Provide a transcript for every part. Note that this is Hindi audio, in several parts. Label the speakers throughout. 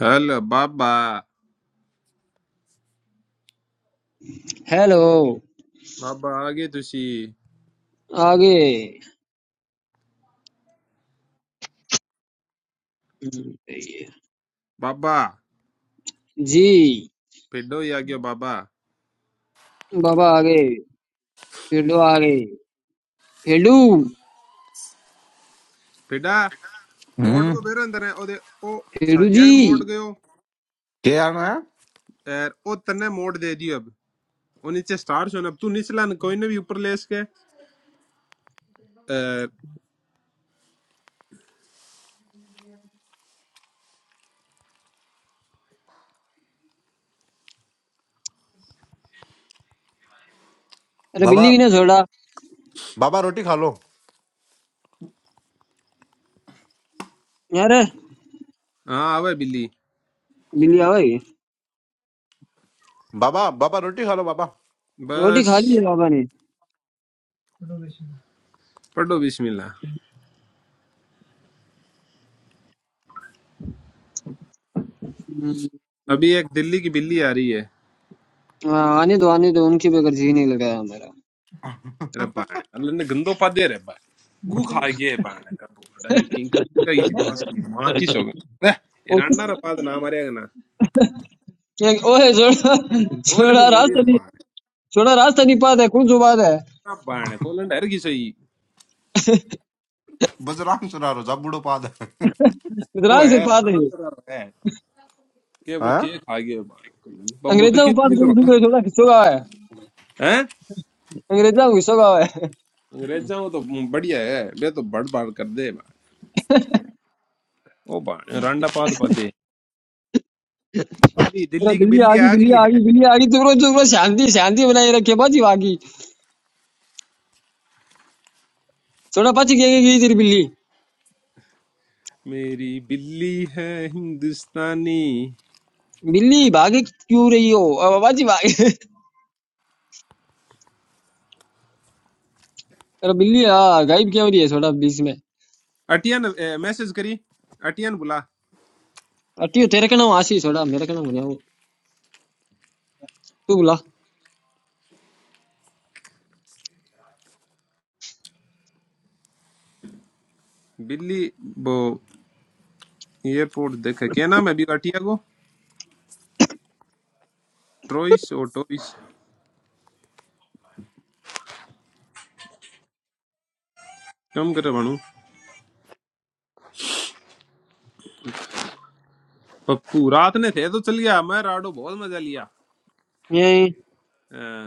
Speaker 1: हेलो बाबा
Speaker 2: हेलो
Speaker 1: बाबा आगे तुसी
Speaker 2: आगे
Speaker 1: बाबा
Speaker 2: जी
Speaker 1: पिड्डो ही आ गयो बाबा
Speaker 2: बाबा आगे फेडू आगे फेडू
Speaker 1: पिड्डा मोड़
Speaker 3: हम्म
Speaker 1: को बेरो अंदर है ओदे ओ
Speaker 2: फेडू जी
Speaker 1: साजियागन मोड़ गयो
Speaker 3: क्या यार ना
Speaker 1: और ओ तन्ने मोड़ दे दियो अब ओ नीचे स्टार सुन अब तू निचला न कोई ने भी ऊपर ले इसके
Speaker 2: अरे बिल्ली
Speaker 3: बाबा
Speaker 2: भी ना छोड़ा
Speaker 3: बाबा रोटी खा लो
Speaker 2: अरे
Speaker 1: हाँ आवे बिल्ली
Speaker 2: बिल्ली आओ ये।
Speaker 3: बाबा बाबा रोटी खा लो बाबा
Speaker 2: रोटी
Speaker 1: बस
Speaker 2: खा ली है बाबा ने
Speaker 1: पढ़ो बिस्मिल्लाह
Speaker 2: हम्म,
Speaker 1: अभी एक दिल्ली की बिल्ली आ रही है
Speaker 2: हाँ, आने दो आने दो उनकी बगैर जी नहीं लगाया हमारा
Speaker 1: तेरा बाण अल्लाह ने गंदो पा दे रे बा गु खा गए बाण का बोड़ा किंग का इसी बात की माचिस हो गया रे ये
Speaker 2: ओ-
Speaker 1: रांडा रे पाद ना मारेगा ना
Speaker 2: एक- ओए छोड़ा
Speaker 1: बोल भी
Speaker 2: छोड़ा
Speaker 1: मोड़ी
Speaker 2: रास्ता नहीं
Speaker 1: रे
Speaker 2: छोड़ा रास्ता नहीं पाता है कौन सो बात है
Speaker 1: हाँ, बाण को लंडर की सही
Speaker 3: बस राम सुना रहो जा बूढ़ो पाद है।
Speaker 2: इतना
Speaker 1: वो
Speaker 2: सिर
Speaker 1: है
Speaker 2: पाता
Speaker 1: राणा
Speaker 2: है
Speaker 1: तेरा है के ब्रो
Speaker 3: हाँ?
Speaker 1: के खा गए बाण को पर वो तो
Speaker 2: अंग्रेजा को
Speaker 1: किस
Speaker 2: पात
Speaker 1: मिलो
Speaker 2: कौन सी कोई छोड़ा खिस्सो गावा है
Speaker 1: हैं
Speaker 2: अंग्रेजा को खिस्सो गावा है
Speaker 1: अंग्रेजा वो तो बढ़िया है बे तो बड़ बाड़ कर दे बाण ओ बाण रांडा पाद पादे मेरी
Speaker 2: अरे
Speaker 1: दिल्ली की
Speaker 2: बिल्ली आ
Speaker 1: बिल्ली
Speaker 2: गई
Speaker 1: आ
Speaker 2: बिल्ली
Speaker 1: गई
Speaker 2: आ
Speaker 1: है
Speaker 2: गई बिल्ली आ गई चुप रहो चुप रहो शांति शांति बनाए रखे बाजी भागी थोड़ा बच गई गई तेरी बिल्ली
Speaker 1: मेरी बिल्ली है हिंदुस्तानी
Speaker 2: बिल्ली भागी क्यों रही हो अब बाजी भागी अरे बिल्ली हाँ गायब क्यों हो रही है थोड़ा बीच में
Speaker 1: अटियन ए, मैसेज करी अटियन बुला
Speaker 2: अटी हो। तेरे का नाम आशीष थोड़ा मेरे का नाम बनिया तू बुला
Speaker 1: बिल्ली वो एयरपोर्ट देखे क्या नाम है अभी अटिया को ट्रोइस और टोइस कम करे बनू पप्पू रात ने थे तो चल गया मैं राडो बहुत मजा लिया
Speaker 2: ये
Speaker 1: हाँ।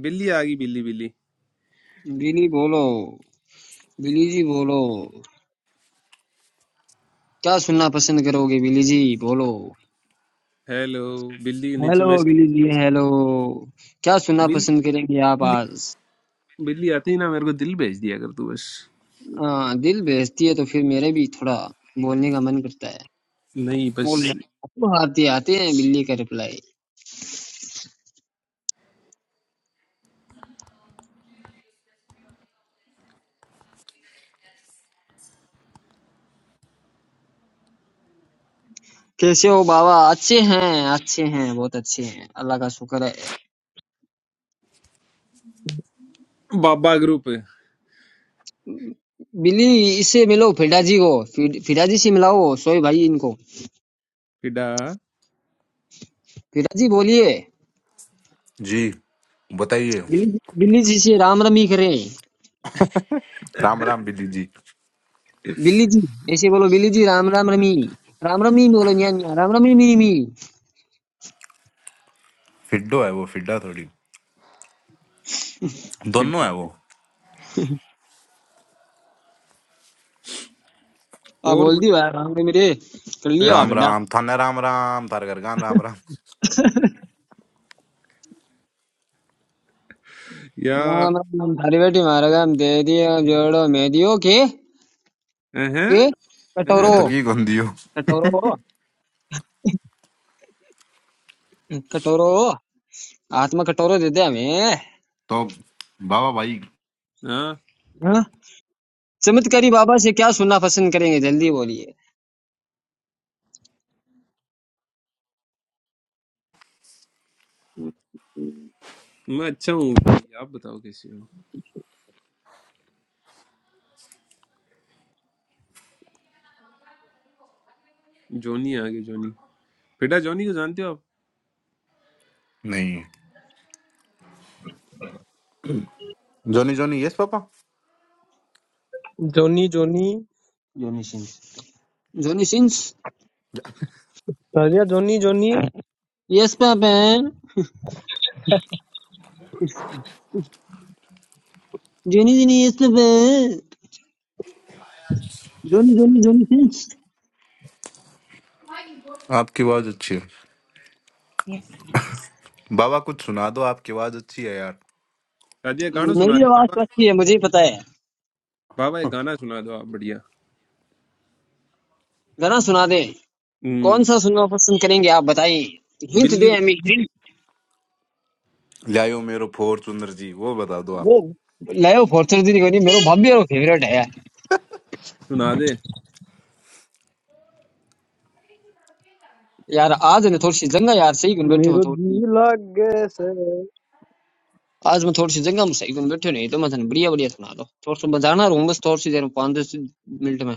Speaker 1: बिल्ली आ गई बिल्ली बिल्ली
Speaker 2: बिल्ली बोलो बिल्ली जी बोलो क्या सुनना पसंद करोगे बिल्ली जी बोलो
Speaker 1: हेलो बिल्ली के नीचे
Speaker 2: हेलो
Speaker 1: में
Speaker 2: बिल्ली जी हेलो क्या सुनना
Speaker 1: बिल,
Speaker 2: पसंद करेंगे आप
Speaker 1: बिल्ली
Speaker 2: आज
Speaker 1: बिल्ली आती ही ना मेरे को दिल भेज दिया कर तू बस
Speaker 2: हाँ दिल बेचती है तो फिर मेरे भी थोड़ा बोलने का मन करता है
Speaker 1: नहीं बस
Speaker 2: बोले "आपको आती आती है बिल्ली का रिप्लाई कैसे हो बाबा अच्छे हैं अच्छे हैं बहुत अच्छे हैं अल्लाह का शुक्र है
Speaker 1: बाबा ग्रुप
Speaker 2: बिल्ली इससे मिलो फिडा जी को फिड- फिडा जी से मिलाओ सोए भाई इनको
Speaker 1: फिडा
Speaker 2: फिडा जी बोलिए
Speaker 3: जी बताइए
Speaker 2: बिल्ली बिल्ली जी से राम रमी करे
Speaker 3: राम राम बिल्ली जी
Speaker 2: बिल्ली जी ऐसे बोलो बिल्ली जी राम राम रमी राम रमी बोलो न्या न्या राम रमी मेरी मी
Speaker 3: फिड्डो है वो फिड्डा थोड़ी दोनों
Speaker 1: फिडा
Speaker 3: है वो
Speaker 2: आ
Speaker 1: और
Speaker 2: बोल
Speaker 1: कुछ
Speaker 2: दी भाई राम रमी रे कर लिए
Speaker 1: है
Speaker 2: वाह
Speaker 3: राम
Speaker 2: फिडा
Speaker 3: राम थाने राम राम तार घर गान राम राम
Speaker 1: या
Speaker 2: राम राम थारी बेटी मारेगा हम दे दियो जोड़ो मैं दियो के
Speaker 1: हैं
Speaker 2: के
Speaker 3: मैं
Speaker 2: कटोरो
Speaker 3: तो
Speaker 1: हैं
Speaker 3: की गंदी हूँ
Speaker 2: कटोरो कटोरो हाथ में कटोरो दे दे हमें
Speaker 3: तो बाबा भाई
Speaker 1: हाँ
Speaker 2: हाँ? चमत्कारी बाबा से क्या सुनना पसंद करेंगे जल्दी बोलिए
Speaker 1: मैं अच्छा हूँ भाई आप बताओ कैसे हो जोनी आ गए जोनी फिडा जोनी को जानते हो आप
Speaker 3: नहीं जोनी Johnny yes papa
Speaker 4: Johnny Johnny
Speaker 2: Johnny Singh Johnny सिंस
Speaker 4: राजा Johnny Johnny
Speaker 2: yes papa Johnny Johnny yes papa Johnny Johnny जोनी सिंस
Speaker 3: आपकी आवाज अच्छी है बाबा कुछ सुना दो आपकी आवाज अच्छी है यार
Speaker 1: शादी का गाना सुना
Speaker 2: मेरी
Speaker 1: दे
Speaker 2: आवाज
Speaker 1: बाबा
Speaker 2: तो अच्छी है मुझे ही पता है
Speaker 1: बाबा एक गाना सुना दो आप बढ़िया
Speaker 2: गाना सुना दे कौन सा
Speaker 1: हम्म
Speaker 2: सुनना पसंद करेंगे आप बताइए हिंट
Speaker 1: बिल्ली
Speaker 2: दे
Speaker 1: को
Speaker 2: हमें हिंट
Speaker 3: लायो मेरो फोर चुंदर जी वो बता दो आप
Speaker 2: वो लायो फॉर्चर दी कोनी मेरो भाभी रो फेवरेट है
Speaker 1: सुना दे
Speaker 2: यार आज ने थोड़ी सी जंगा यार सही गुन बैठे हो
Speaker 4: मेरो जी
Speaker 2: थोड़ी।
Speaker 4: लागे से
Speaker 2: आज मैं थोड़ी सी जगह में सही कौन बैठो नहीं तो मैं थने बढ़िया बढ़िया सुना दो थोड़ा सा बजाना रहूं बस थोड़ी सी देर में पाँच दस मिनट में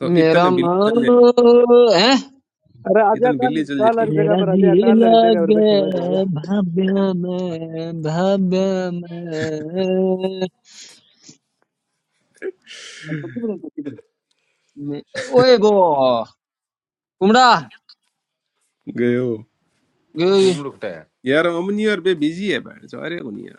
Speaker 1: तो
Speaker 2: मेरा
Speaker 1: इतने बिल्ली चल
Speaker 2: मन
Speaker 1: जाएगी
Speaker 2: है
Speaker 4: अरे आजा
Speaker 1: इतने
Speaker 4: काल
Speaker 1: बिल्ली चल
Speaker 4: काल
Speaker 1: जाएगी
Speaker 4: हर जगह
Speaker 2: मेरा
Speaker 4: पर आजा
Speaker 2: जी
Speaker 4: काल हर जगह पर बैठे हुए थे आजा
Speaker 2: लगे भाव्य में भाव्य में मे- ओए वो कुमड़ा
Speaker 1: गयो
Speaker 2: ग-
Speaker 3: कुम लुकटा है
Speaker 1: यार अमनी यार बे बिजी है बहन सारे को नहीं यार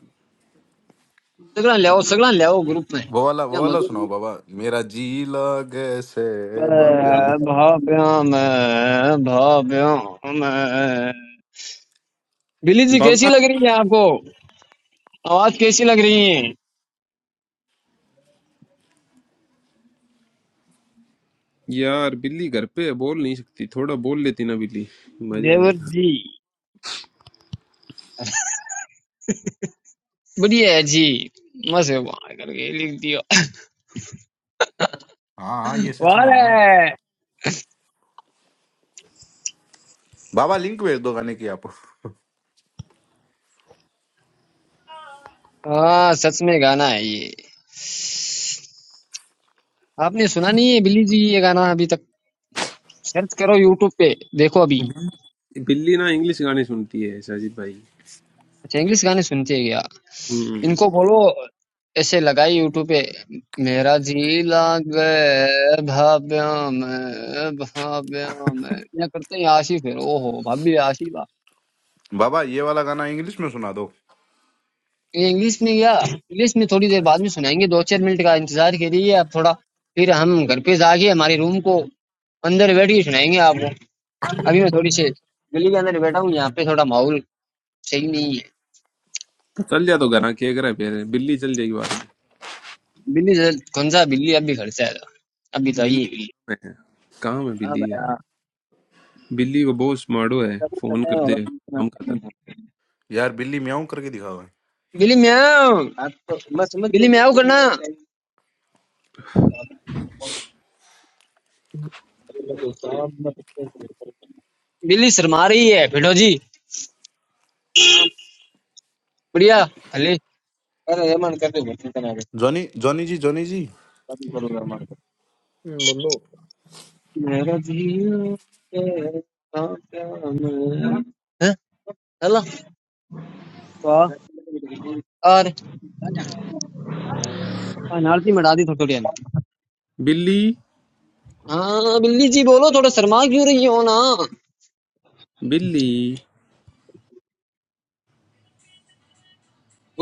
Speaker 2: सगला ले आओ सगला ले आओ ग्रुप में
Speaker 3: वो वाला
Speaker 2: या
Speaker 3: वो वाला
Speaker 2: मगर
Speaker 3: सुनाओ बाबा मेरा जी लगे से बाब्या में
Speaker 2: भाव्य में भाव्य में बिली जी कैसी
Speaker 1: बाबा
Speaker 2: लग रही है आपको आवाज कैसी लग रही है
Speaker 1: यार बिल्ली घर पे है, बोल नहीं सकती थोड़ा बोल लेती ना बिल्ली मजा आ
Speaker 2: देवर
Speaker 1: जाता
Speaker 2: जी बढ़िया है जी मस्त है वहाँ करके लिख दिया
Speaker 3: हाँ हाँ ये सच
Speaker 2: वाह
Speaker 3: में गाना है
Speaker 2: रे!
Speaker 3: बाबा लिंक भेज दो गाने की आप
Speaker 2: हाँ सच में गाना है ये आपने सुना नहीं है बिली जी ये गाना अभी तक सर्च करो यूट्यूब पे देखो अभी
Speaker 1: बिल्ली ना इंग्लिश गाने सुनती है साजिद भाई
Speaker 2: अच्छा इंग्लिश गाने सुनते हैं क्या
Speaker 1: हम्म
Speaker 2: इनको बोलो ऐसे लगाई यूट्यूब पे मेरा जी लागे भाभ्या में भाभ्या में या करते हैं आशिफ है ओहो भाभी आशिफ
Speaker 3: बाबा ये वाला गाना इंग्लिश में सुना दो
Speaker 2: ये इंग्लिश में या इंग्लिश में थोड़ी देर बाद में सुनाएंगे दो चार मिनट का इंतजार करिए आप थोड़ा फिर हम घर पे जाके हमारे रूम को अंदर बैठ के सुनाएंगे आपको अभी मैं थोड़ी सी बिल्ली के अंदर बैठा हूँ यहाँ पे थोड़ा माहौल सही नहीं है
Speaker 1: चल जा तो घर के अगर फिर बिल्ली चल जाएगी बाद
Speaker 2: बिल्ली जरा- कौन सा बिल्ली अभी घर से आएगा अब
Speaker 1: में
Speaker 2: बताइए
Speaker 1: बिल्ली
Speaker 2: बिल्ली
Speaker 1: कहाँ है कहाँ में बिल्ली है बिल्ली को बहुत स्मार्टो है फोन कर दे काम खाता
Speaker 3: यार बिल्ली म्याऊं करके दिखाओ
Speaker 2: बिल्ली म्याऊं बिल्ली म्याऊं करना बिल्ली शर्मा रही है भेटो जी बढ़िया खले
Speaker 3: Johnny Johnny ji Johnny ji
Speaker 4: हम्म, बोलो
Speaker 2: हैं? चलो तो और अनारती मटा दी थोड़ी थोड़ी
Speaker 1: बिल्ली
Speaker 2: हाँ बिल्ली जी बोलो थोड़ा शर्मा क्यों रही हो ना
Speaker 1: बिल्ली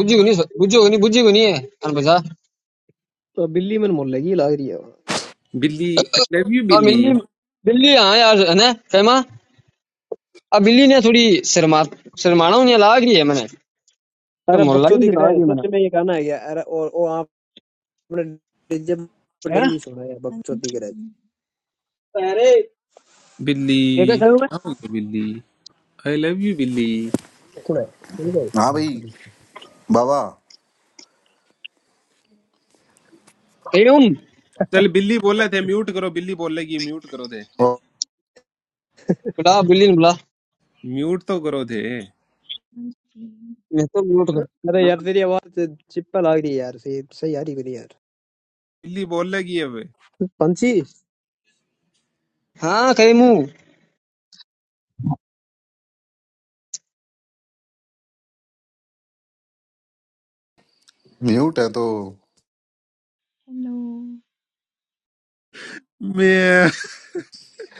Speaker 2: बुझी को नहीं बुझी को नहीं बुझी को नहीं है अन बजा
Speaker 4: तो बिल्ली मन मोहल्ले की लाग रही है वो।
Speaker 1: बिल्ली आई लव यू
Speaker 2: और
Speaker 1: बिल्ली
Speaker 2: मिली बिल्ली हाँ यार है ना फैमा अब बिल्ली ने थोड़ी शर्मा शर्माना उन्हें लाग रही है मैंने तो
Speaker 4: अरे
Speaker 2: मोहल्ला ही
Speaker 4: बकचोदी दिख
Speaker 2: लाग
Speaker 4: रहा है
Speaker 2: रही है मैंने
Speaker 4: सच में ये गाना है यार अरे और ओ आपने डीजे पर
Speaker 2: हैं
Speaker 4: डली सुना यार बकचोदी दिख रहा है
Speaker 5: Nanjing,
Speaker 1: बिल्ली
Speaker 2: क्या क्या करूँगा
Speaker 1: क्या हो गया बिल्ली आई लव यू बिल्ली
Speaker 4: सुना है सुन लो।
Speaker 3: हाँ
Speaker 4: हाँ,
Speaker 3: भाई
Speaker 4: पर इसको-
Speaker 3: बाबा
Speaker 2: कहीं हूँ
Speaker 1: चल बिल्ली बोले थे म्यूट करो बिल्ली बोलेगी म्यूट करो थे
Speaker 2: बुला बिल्ली ने बुला
Speaker 1: म्यूट तो करो थे
Speaker 5: Nanjing.
Speaker 2: मैं तो म्यूट
Speaker 4: अरे यार
Speaker 2: कर
Speaker 4: तेरी आवाज चिपका लग रही है यार सही सही आ रही मेरी यार
Speaker 1: बिल्ली बोलेगी अब
Speaker 4: पंछी
Speaker 2: हाँ कहीं हूँ
Speaker 4: स्वरूप
Speaker 3: म्यूट है तो
Speaker 5: Hello.
Speaker 1: म्याऊ,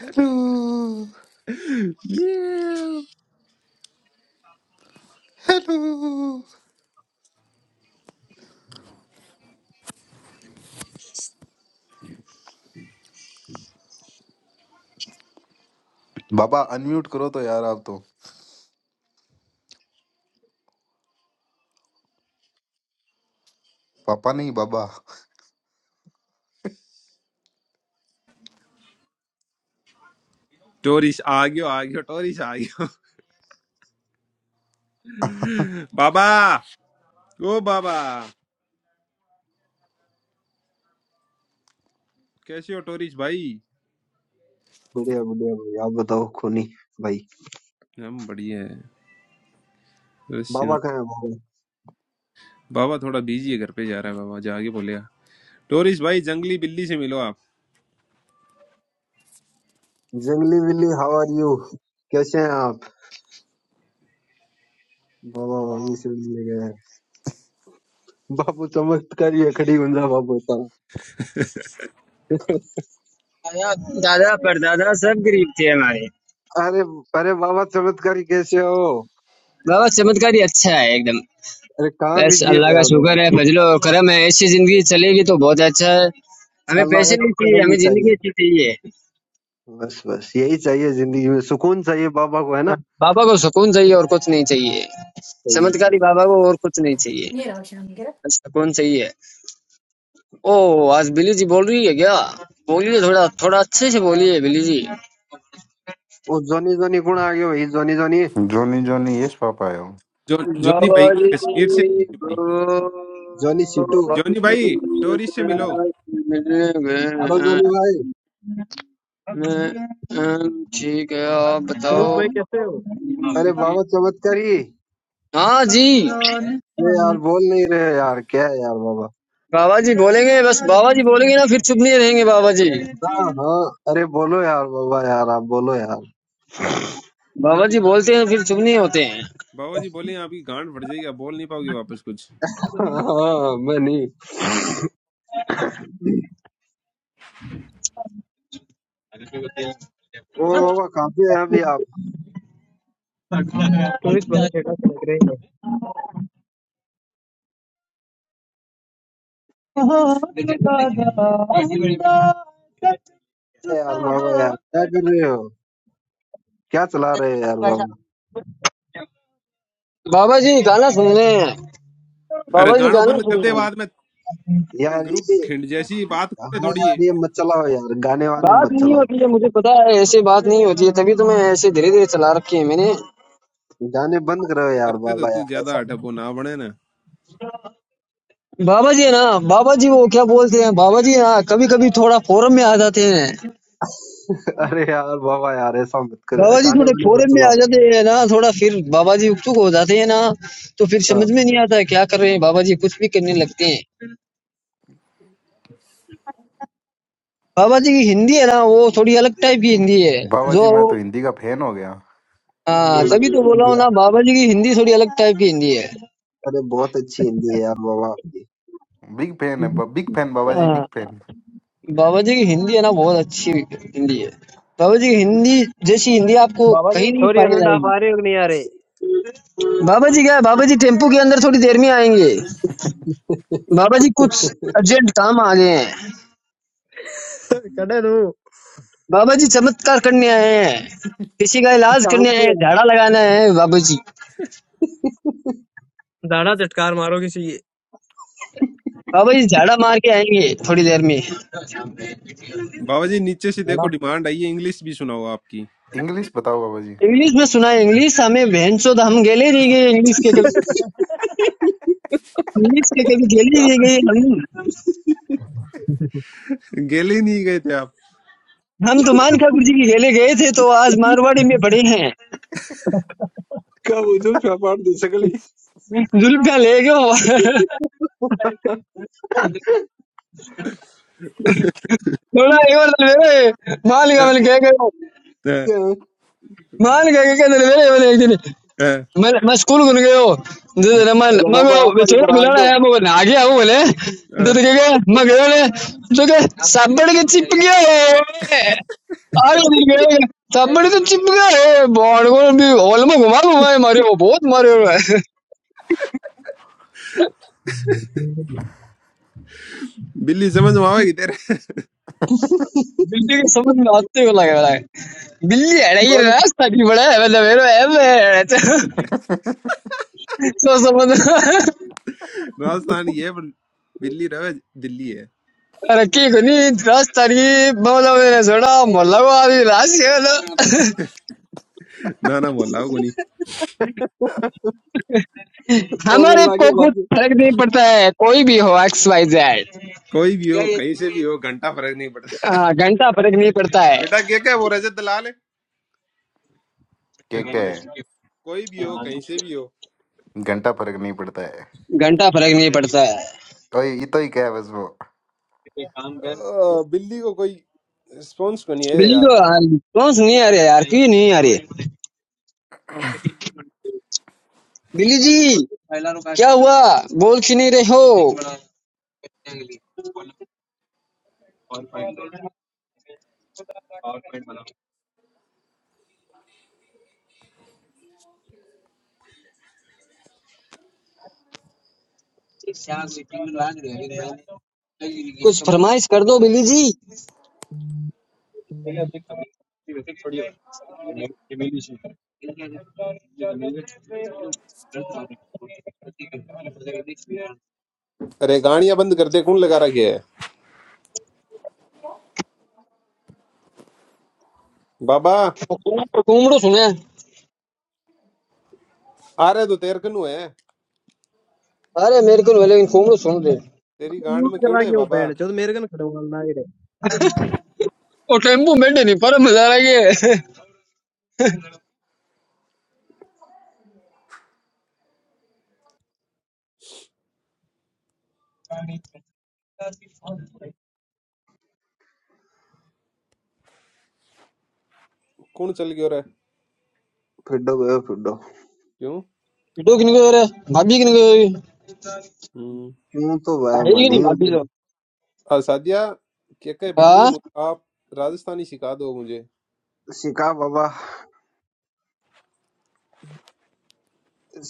Speaker 3: हेलो
Speaker 1: म्याऊ।
Speaker 3: हेलो बाबा अनम्यूट करो तो यार आप तो पापा नहीं बाबा
Speaker 1: टोरिश आ गयो आ गयो टोरिश आ गयो बाबा ओ बाबा कैसे हो टोरिश भाई
Speaker 6: बढ़िया बढ़िया भाई आप बताओ खोनी भाई
Speaker 1: हम बढ़िया है
Speaker 6: बाबा
Speaker 1: क्रिश्चियन
Speaker 6: कहाँ है बाबा
Speaker 1: बाबा थोड़ा बिजी है घर पे जा रहा है बाबा जाके बोलेगा टोरिश भाई जंगली बिल्ली से मिलो आप
Speaker 6: जंगली बिल्ली हाउ आर यू कैसे हैं आप बाबा भाभी से मिलने गए हैं बाबू चमत्कारी है खड़ी गुंजा बाबू होता है।
Speaker 2: आया दादा परदादा सब गरीब थे हमारे
Speaker 6: अरे अरे बाबा चमत्कारी कैसे हो
Speaker 2: बाबा चमत्कारी अच्छा है एकदम
Speaker 6: अरे कहाँ
Speaker 2: बस
Speaker 6: बिजी
Speaker 2: अल्लाह
Speaker 6: हो
Speaker 2: का
Speaker 6: आप लोग
Speaker 2: शुक्र है फजलो करम है ऐसी जिंदगी चलेगी तो बहुत अच्छा है हमें
Speaker 6: अल्लाह का
Speaker 2: पैसे नहीं
Speaker 6: शुक्र
Speaker 2: चाहिए
Speaker 6: नहीं
Speaker 2: हमें
Speaker 6: चाहिए
Speaker 2: जिंदगी अच्छी चाहिए
Speaker 6: बस बस यही चाहिए जिंदगी में सुकून चाहिए बाबा को है ना
Speaker 2: बाबा को सुकून चाहिए और कुछ नहीं चाहिए
Speaker 6: चाहिए
Speaker 2: चमत्कारी
Speaker 6: चाहिए
Speaker 2: बाबा को और कुछ नहीं चाहिए बस सुकून चाहिए ओ आज बिली जी बोल रही है क्या बोलिए थोड़ा थोड़ा अच्छे से बोलिए बिली जी
Speaker 6: वो जोनी जोनी कौन आ गया भाई Johnny Johnny
Speaker 3: Johnny Johnny yes papa आयो
Speaker 1: जो जोनी भाई
Speaker 2: बाबा जी
Speaker 1: कश्मीर से
Speaker 2: को-
Speaker 6: जोनी सिटू
Speaker 1: जोनी भाई टोरिश से मिलो
Speaker 6: हेलो जोनी भाई
Speaker 2: ठीक है आप बताओ
Speaker 4: भाई कैसे हो
Speaker 6: अरे बाबा चमत्कारी
Speaker 2: हाँ जी
Speaker 6: अरे यार बोल नहीं रहे यार क्या है यार बाबा
Speaker 2: बाबा जी बोलेंगे बस बाबा जी बोलेंगे ना फिर चुप नहीं रहेंगे बाबा जी
Speaker 6: हाँ हाँ अरे बोलो यार बाबा यार आप बोलो यार
Speaker 2: बाबा जी बोलते हैं फिर चुप नहीं होते हैं
Speaker 1: बाबा जी बोले आपकी गांड फट जाएगी आप बोल नहीं पाओगे वापस कुछ
Speaker 6: हाँ मैं नहीं ओ बाबा काफी है अभी आप
Speaker 4: टूरिस्ट भाई सेटा से लग रहे हैं
Speaker 6: अरे यार बाबा यार क्या कर रहे हो क्या चला रहे हो यार बाबा
Speaker 2: बाबा जी गाना सुन रहे हैं
Speaker 1: अरे
Speaker 2: बाबा जी
Speaker 1: गाणो
Speaker 2: गाना
Speaker 1: बंद
Speaker 2: सुन
Speaker 1: कर दे
Speaker 2: रहे हैं
Speaker 1: बाद में
Speaker 6: यार
Speaker 1: ग्रुप
Speaker 6: ये
Speaker 1: खिंड जैसी बात करते
Speaker 6: हाँ
Speaker 1: थोड़ी है
Speaker 6: यार ये मत चलाओ यार गाने वाने
Speaker 2: बात
Speaker 6: मत
Speaker 2: नहीं
Speaker 6: चलाओ
Speaker 2: होती है मुझे पता है ऐसी बात नहीं होती है तभी तो मैं ऐसे धीरे धीरे चला रखी है मैंने
Speaker 6: गाने बंद करो यार
Speaker 1: करते तो
Speaker 6: बाबा
Speaker 1: तू
Speaker 6: यार
Speaker 1: ज्यादा
Speaker 6: ऐसा मत
Speaker 1: अटपो ना बने ना
Speaker 2: बाबा जी है ना बाबा जी वो क्या बोलते हैं बाबा जी हाँ कभी कभी थोड़ा फोरम में आ जाते हैं
Speaker 6: अरे यार बाबा यार ऐसा मत करो यार,
Speaker 2: बाबा जी
Speaker 6: गाने
Speaker 2: थोड़े
Speaker 6: वाने मत
Speaker 2: फोरम में
Speaker 6: चलाओ
Speaker 2: आ जाते हैं ना थोड़ा फिर बाबा जी उत्सुक हो जाते हैं ना तो फिर
Speaker 6: हाँ
Speaker 2: समझ में नहीं आता है क्या कर रहे हैं बाबा जी कुछ भी करने लगते हैं बाबा जी की हिंदी है ना वो थोड़ी अलग टाइप की हिंदी है
Speaker 3: बाबा
Speaker 2: जो
Speaker 3: जी मैं तो हिंदी का फैन हो गया
Speaker 6: ना
Speaker 2: हाँ
Speaker 6: ना
Speaker 2: तभी तो
Speaker 6: अच्छी
Speaker 2: बोला
Speaker 6: हिंदी
Speaker 2: हूँ ना
Speaker 6: यार
Speaker 2: बाबा जी की हिंदी थोड़ी अलग टाइप की हिंदी है
Speaker 6: अरे बहुत अच्छी हिंदी है यार बाबा आपकी
Speaker 3: बिग फैन है ब- बिग फैन बाबा जी बिग
Speaker 2: हाँ
Speaker 3: फैन
Speaker 2: बाबा जी की हिंदी है ना बहुत अच्छी हिंदी है बाबा जी की हिंदी जैसी हिंदी आपको
Speaker 4: बाबा जी
Speaker 2: कहीं नहीं
Speaker 4: छोरी
Speaker 2: पाई
Speaker 4: अलंडा आप आ
Speaker 2: जाएगी
Speaker 4: रहे हो कि नहीं आ रहे
Speaker 2: बाबा जी क्या है बाबा जी टेम्पो के अंदर थोड़ी देर में आएंगे बाबा जी कुछ अर्जेंट काम आ गए हैं
Speaker 4: कड़े रू
Speaker 2: बाबा जी चमत्कार करने आए हैं किसी का इलाज
Speaker 6: काम
Speaker 2: करने आए
Speaker 6: पे
Speaker 2: हैं
Speaker 6: है
Speaker 2: झाड़ा लगाना है बाबा जी
Speaker 4: दाढ़ा झटकार मारो किसी के
Speaker 2: बाबा जी झाड़ा मार के आएंगे थोड़ी देर में
Speaker 1: बाबा जी नीचे से देखो डिमांड आई है इंग्लिश भी सुनाओ आपकी
Speaker 3: इंग्लिश बताओ बाबा जी
Speaker 2: इंग्लिश में सुना है इंग्लिश हमें बहन चोद हम गेले नहीं गए इंग्लिश के कभी इंग्लिश के कभी गेले
Speaker 6: हाँ।
Speaker 2: नहीं गए हम
Speaker 1: गेले नहीं गए थे आप
Speaker 2: हम तो मान ठाकुर जी की गेले गए थे तो आज मारवाड़ी में पड़े हैं
Speaker 6: Kamu tu apa di sekali?
Speaker 2: जुल्फिया ले गयो थोड़ा एक बार तो ले गए माल का मैंने कह गयो माल का कह दे मेरे मैंने एक दिन मैं मैं स्कूल गुन गयो दे दे मैं
Speaker 6: Kalau
Speaker 2: मैं
Speaker 6: bapa apa
Speaker 2: वो
Speaker 6: di
Speaker 2: छोरा बुलाना
Speaker 6: berajo?
Speaker 2: आया मैं ना गया हूं बोले दे दे के मैं गयो ने तो के साबड़ के चिप गया है और दिन गए साबड़ तो चिप गया है बॉड को भी हॉल में घुमा घुमा के मारे वो बहुत मारे हुए हैं।
Speaker 1: बिल्ली समझ में आवेगी तेरे
Speaker 2: बिल्ली के समझ में आते हुए लगे वाला है बिल्ली अड़ाई
Speaker 6: Man,
Speaker 2: रास्ता भी बड़ा है मतलब मेरे ऐसे Rakiko
Speaker 1: राजस्थानी है पर बिल्ली रवे दिल्ली है
Speaker 2: ni rastari मतलब मैंने छोड़ा मोहल्ला को आदमी राशि मतलब
Speaker 1: ना ना बोला को नहीं
Speaker 6: oh
Speaker 2: हमारे को
Speaker 6: lagi
Speaker 2: कुछ
Speaker 6: lagi.
Speaker 2: फर्क नहीं पड़ता है कोई भी हो एक्स वाई जेड
Speaker 1: कोई भी हो कहीं से भी हो घंटा फर्क नहीं पड़ता
Speaker 2: हाँ घंटा फर्क नहीं पड़ता है
Speaker 1: बेटा क्या क्या वो रजत दलाल है
Speaker 3: क्या क्या है
Speaker 1: कोई भी हो कहीं से भी हो
Speaker 3: घंटा फर्क नहीं पड़ता है
Speaker 2: घंटा फर्क नहीं पड़ता है
Speaker 3: ओए ये तो ही क्या है बस वो
Speaker 1: अ, बिल्ली को कोई रिस्पॉन्स को नहीं है
Speaker 2: बिल्ली
Speaker 1: यार
Speaker 2: को हाँ, कौन सी नहीं आ रही है यार क्यों नहीं आ रही है? बिल्ली जी क्या हुआ बोल क्यों नहीं रहे हो कुछ फरमाइश कर दो बिल्ली जी
Speaker 1: अरे गाड़ियां बंद कर दे कौन लगा रखी है बाबा
Speaker 2: कुमड़ो सुने
Speaker 1: आ रहे तो तेर कनु है
Speaker 2: अरे मेरे को नहीं बोले, कुमड़ो सुन दे
Speaker 1: तेरी
Speaker 4: अरे
Speaker 1: गांड
Speaker 4: म्यूट
Speaker 1: में
Speaker 4: करा
Speaker 1: कीड़े है
Speaker 4: के वो
Speaker 1: बाबा
Speaker 4: बैठ जो तो मेरे कन खड़े वाला ना रे
Speaker 2: वो टेम्पू में बैठे नहीं परम जा रहे
Speaker 1: कौन चल गयो रे
Speaker 6: फिडो बे फिडो
Speaker 1: क्यों
Speaker 2: डूक निको रे भाभी की निको
Speaker 1: हम्म
Speaker 6: क्यों तो वह
Speaker 2: अरे ये
Speaker 6: मन ही
Speaker 2: नहीं भाभी
Speaker 6: उनके
Speaker 2: लोग
Speaker 1: और सादिया के के बिल्ली
Speaker 2: हाँ
Speaker 1: मु- आप राजस्थानी सिखा दो मुझे
Speaker 6: सिखा बाबा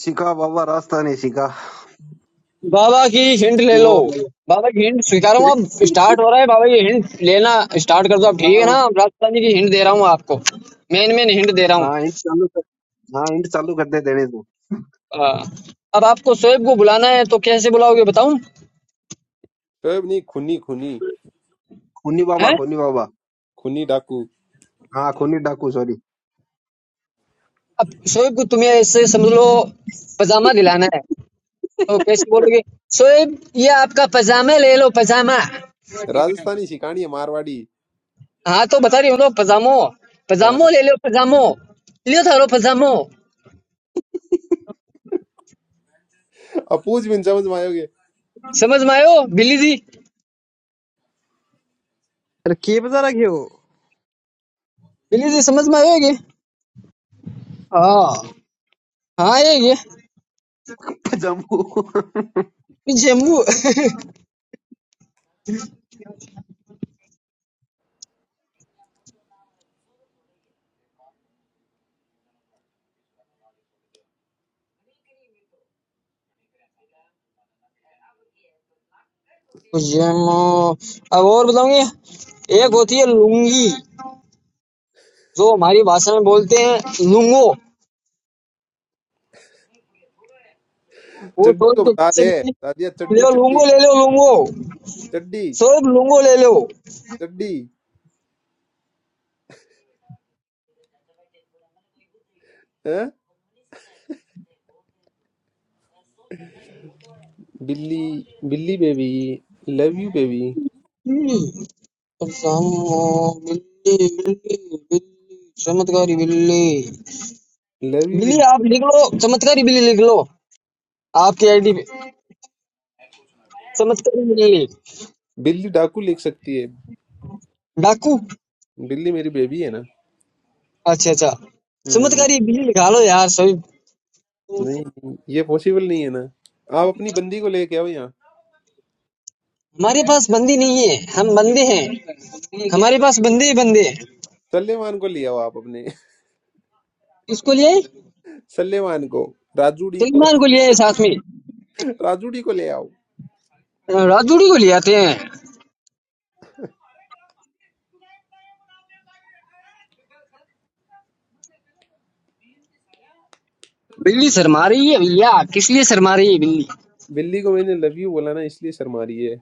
Speaker 6: सिखा बाबा रास्ता नहीं सिखा
Speaker 2: बाबा की हिंट ले
Speaker 6: वो
Speaker 2: लो बाबा की हिंट स्वीकार हूँ
Speaker 6: हाँ
Speaker 2: अब स्टार्ट हो रहा है बाबा की हिंट लेना स्टार्ट कर दो आप ठीक है ना रास्ता जी की हिंट दे रहा हूँ आपको मेन मेन हिंट दे रहा हूँ
Speaker 6: हाँ इंट चालू कर हाँ इंट चालू कर दे देने दो
Speaker 2: हाँ, अब आपको शोएब को बुलाना है तो कैसे बुलाओगे बताऊं
Speaker 1: शोएब नहीं खुनी खुनी
Speaker 6: खूनी बाबा
Speaker 2: हैं
Speaker 6: खूनी बाबा
Speaker 1: खुनी डाकू
Speaker 6: हाँ खूनी डाकू सॉरी
Speaker 2: अब शोएब को तुम्हें ऐसे समझ लो पजामा दिलाना है तो कैसे बोलोगे शोएब ये आपका पजामा ले लो पजामा
Speaker 1: राजस्थानी सिखानी है मारवाड़ी
Speaker 2: हाँ तो बता रही हूँ ना पजामो पजामो
Speaker 1: हाँ,
Speaker 2: ले लो पजामो लियो थारो पजामो
Speaker 1: अब पूछ भी नहीं समझ में आयोगे
Speaker 2: समझ में आयो बिल्ली जी
Speaker 4: अरे के बता रखे हो
Speaker 2: बिल्ली जी समझ में आयो ये हाँ हाँ ये ये
Speaker 6: जम्मू
Speaker 2: जेम्बू जेम्बू अब और बताऊंगी एक
Speaker 1: हम्म,
Speaker 2: होती है लुंगी जो हमारी भाषा में बोलते हैं लुंगो वो
Speaker 1: चड्डी
Speaker 2: स्वरूप
Speaker 1: को
Speaker 2: तो
Speaker 1: बता
Speaker 2: किससे
Speaker 1: दे
Speaker 2: देते हैं?
Speaker 1: सादिया
Speaker 2: ले
Speaker 1: चड्डी
Speaker 2: लो
Speaker 1: चड्डी
Speaker 2: लुंगो ले लो लुंगो
Speaker 1: चड्डी
Speaker 2: स्वरूप लुंगो ले लो
Speaker 1: चड्डी हैं? बिल्ली बिल्ली बेबी लव यू बेबी
Speaker 2: हम्म, पजामो बिल्ली बिल्ली बिल्ली चमत्कारी बिल्ली
Speaker 1: लव यू
Speaker 2: बिल्ली
Speaker 1: बिल्ली
Speaker 2: आप लिख लो चमत्कारी बिल्ली लिख लो आपकी आईडी पे चमत्कारी बिल्ली
Speaker 1: बिल्ली डाकू लिख सकती है
Speaker 2: डाकू
Speaker 1: बिल्ली मेरी बेबी है ना
Speaker 2: अच्छा अच्छा
Speaker 1: हम्म
Speaker 2: चमत्कारी बिल्ली लिखा लो यार सभी
Speaker 1: नहीं ये पॉसिबल नहीं है ना आप अपनी बंदी को लेके आओ यहाँ
Speaker 2: हमारे पास बंदी नहीं है हम बंदे हैं हमारे पास बंदे ही बंदे हैं
Speaker 1: सल्लेमान को ले आओ आप अपने
Speaker 2: इसको लिए आए?
Speaker 1: सल्लेमान को राजूड़ी को
Speaker 2: सलमान को लिए आए साथ में
Speaker 1: राजूड़ी को ले आओ
Speaker 2: राजूड़ी को ले आते हैं बिल्ली शर्मा रही है भैया किस लिए शर्मा रही है बिल्ली
Speaker 1: बिल्ली को मैंने लव यू बोला ना इसलिए शर्मा रही है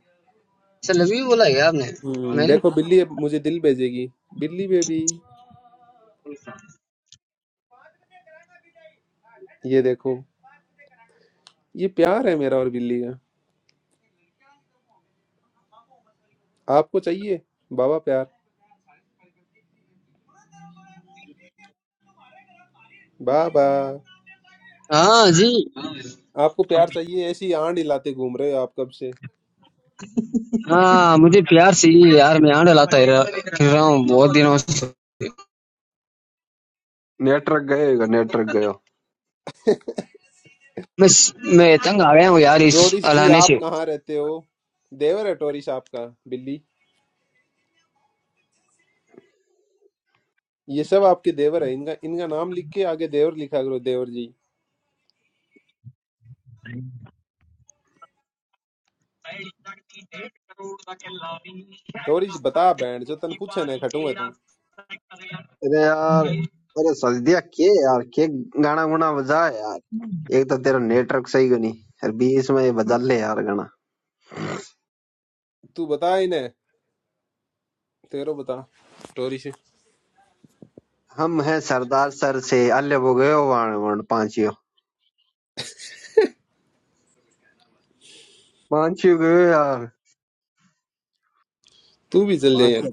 Speaker 2: अच्छा लवी बोला है क्या आपने
Speaker 1: हम्म
Speaker 2: मैंने
Speaker 1: देखो बिल्ली अब मुझे दिल भेजेगी बिल्ली बेबी ये देखो ये प्यार है मेरा और बिल्ली का आपको चाहिए बाबा प्यार बाबा
Speaker 2: हाँ जी
Speaker 1: आपको प्यार चाहिए ऐसी आंड हिलाते घूम रहे हो आप कब से
Speaker 2: हाँ मुझे प्यार चाहिए यार मैं आंड लाता रह रहा हूँ बहुत दिनों से
Speaker 6: नेटवर्क गए नेटवर्क गए
Speaker 2: बस मैं तंग आ गया हूँ यार इस
Speaker 1: टोरिस जी
Speaker 2: अलाहने
Speaker 1: आप
Speaker 2: से।
Speaker 1: कहाँ रहते हो देवर है टोरिस आपका बिल्ली ये सब आपके देवर है इनका इनका नाम लिख के आगे देवर लिखा करो देवर जी टोरिस बता बैंड जो तन पूछे ना खटू है तू
Speaker 6: अरे यार अरे सल्दिया के यार के गाना गुना बजा यार एक तो तेरा नेटवर्क सही को नहीं यार बीच में ये बदल ले यार गाना
Speaker 1: तू बता इन्हें तेरो बता टोरिस
Speaker 6: हम हैं सरदार सर से अल्ले वो गयो वाण वण पांचियो पांचियो गयो यार
Speaker 1: तू भी चल जाए
Speaker 6: पांचियो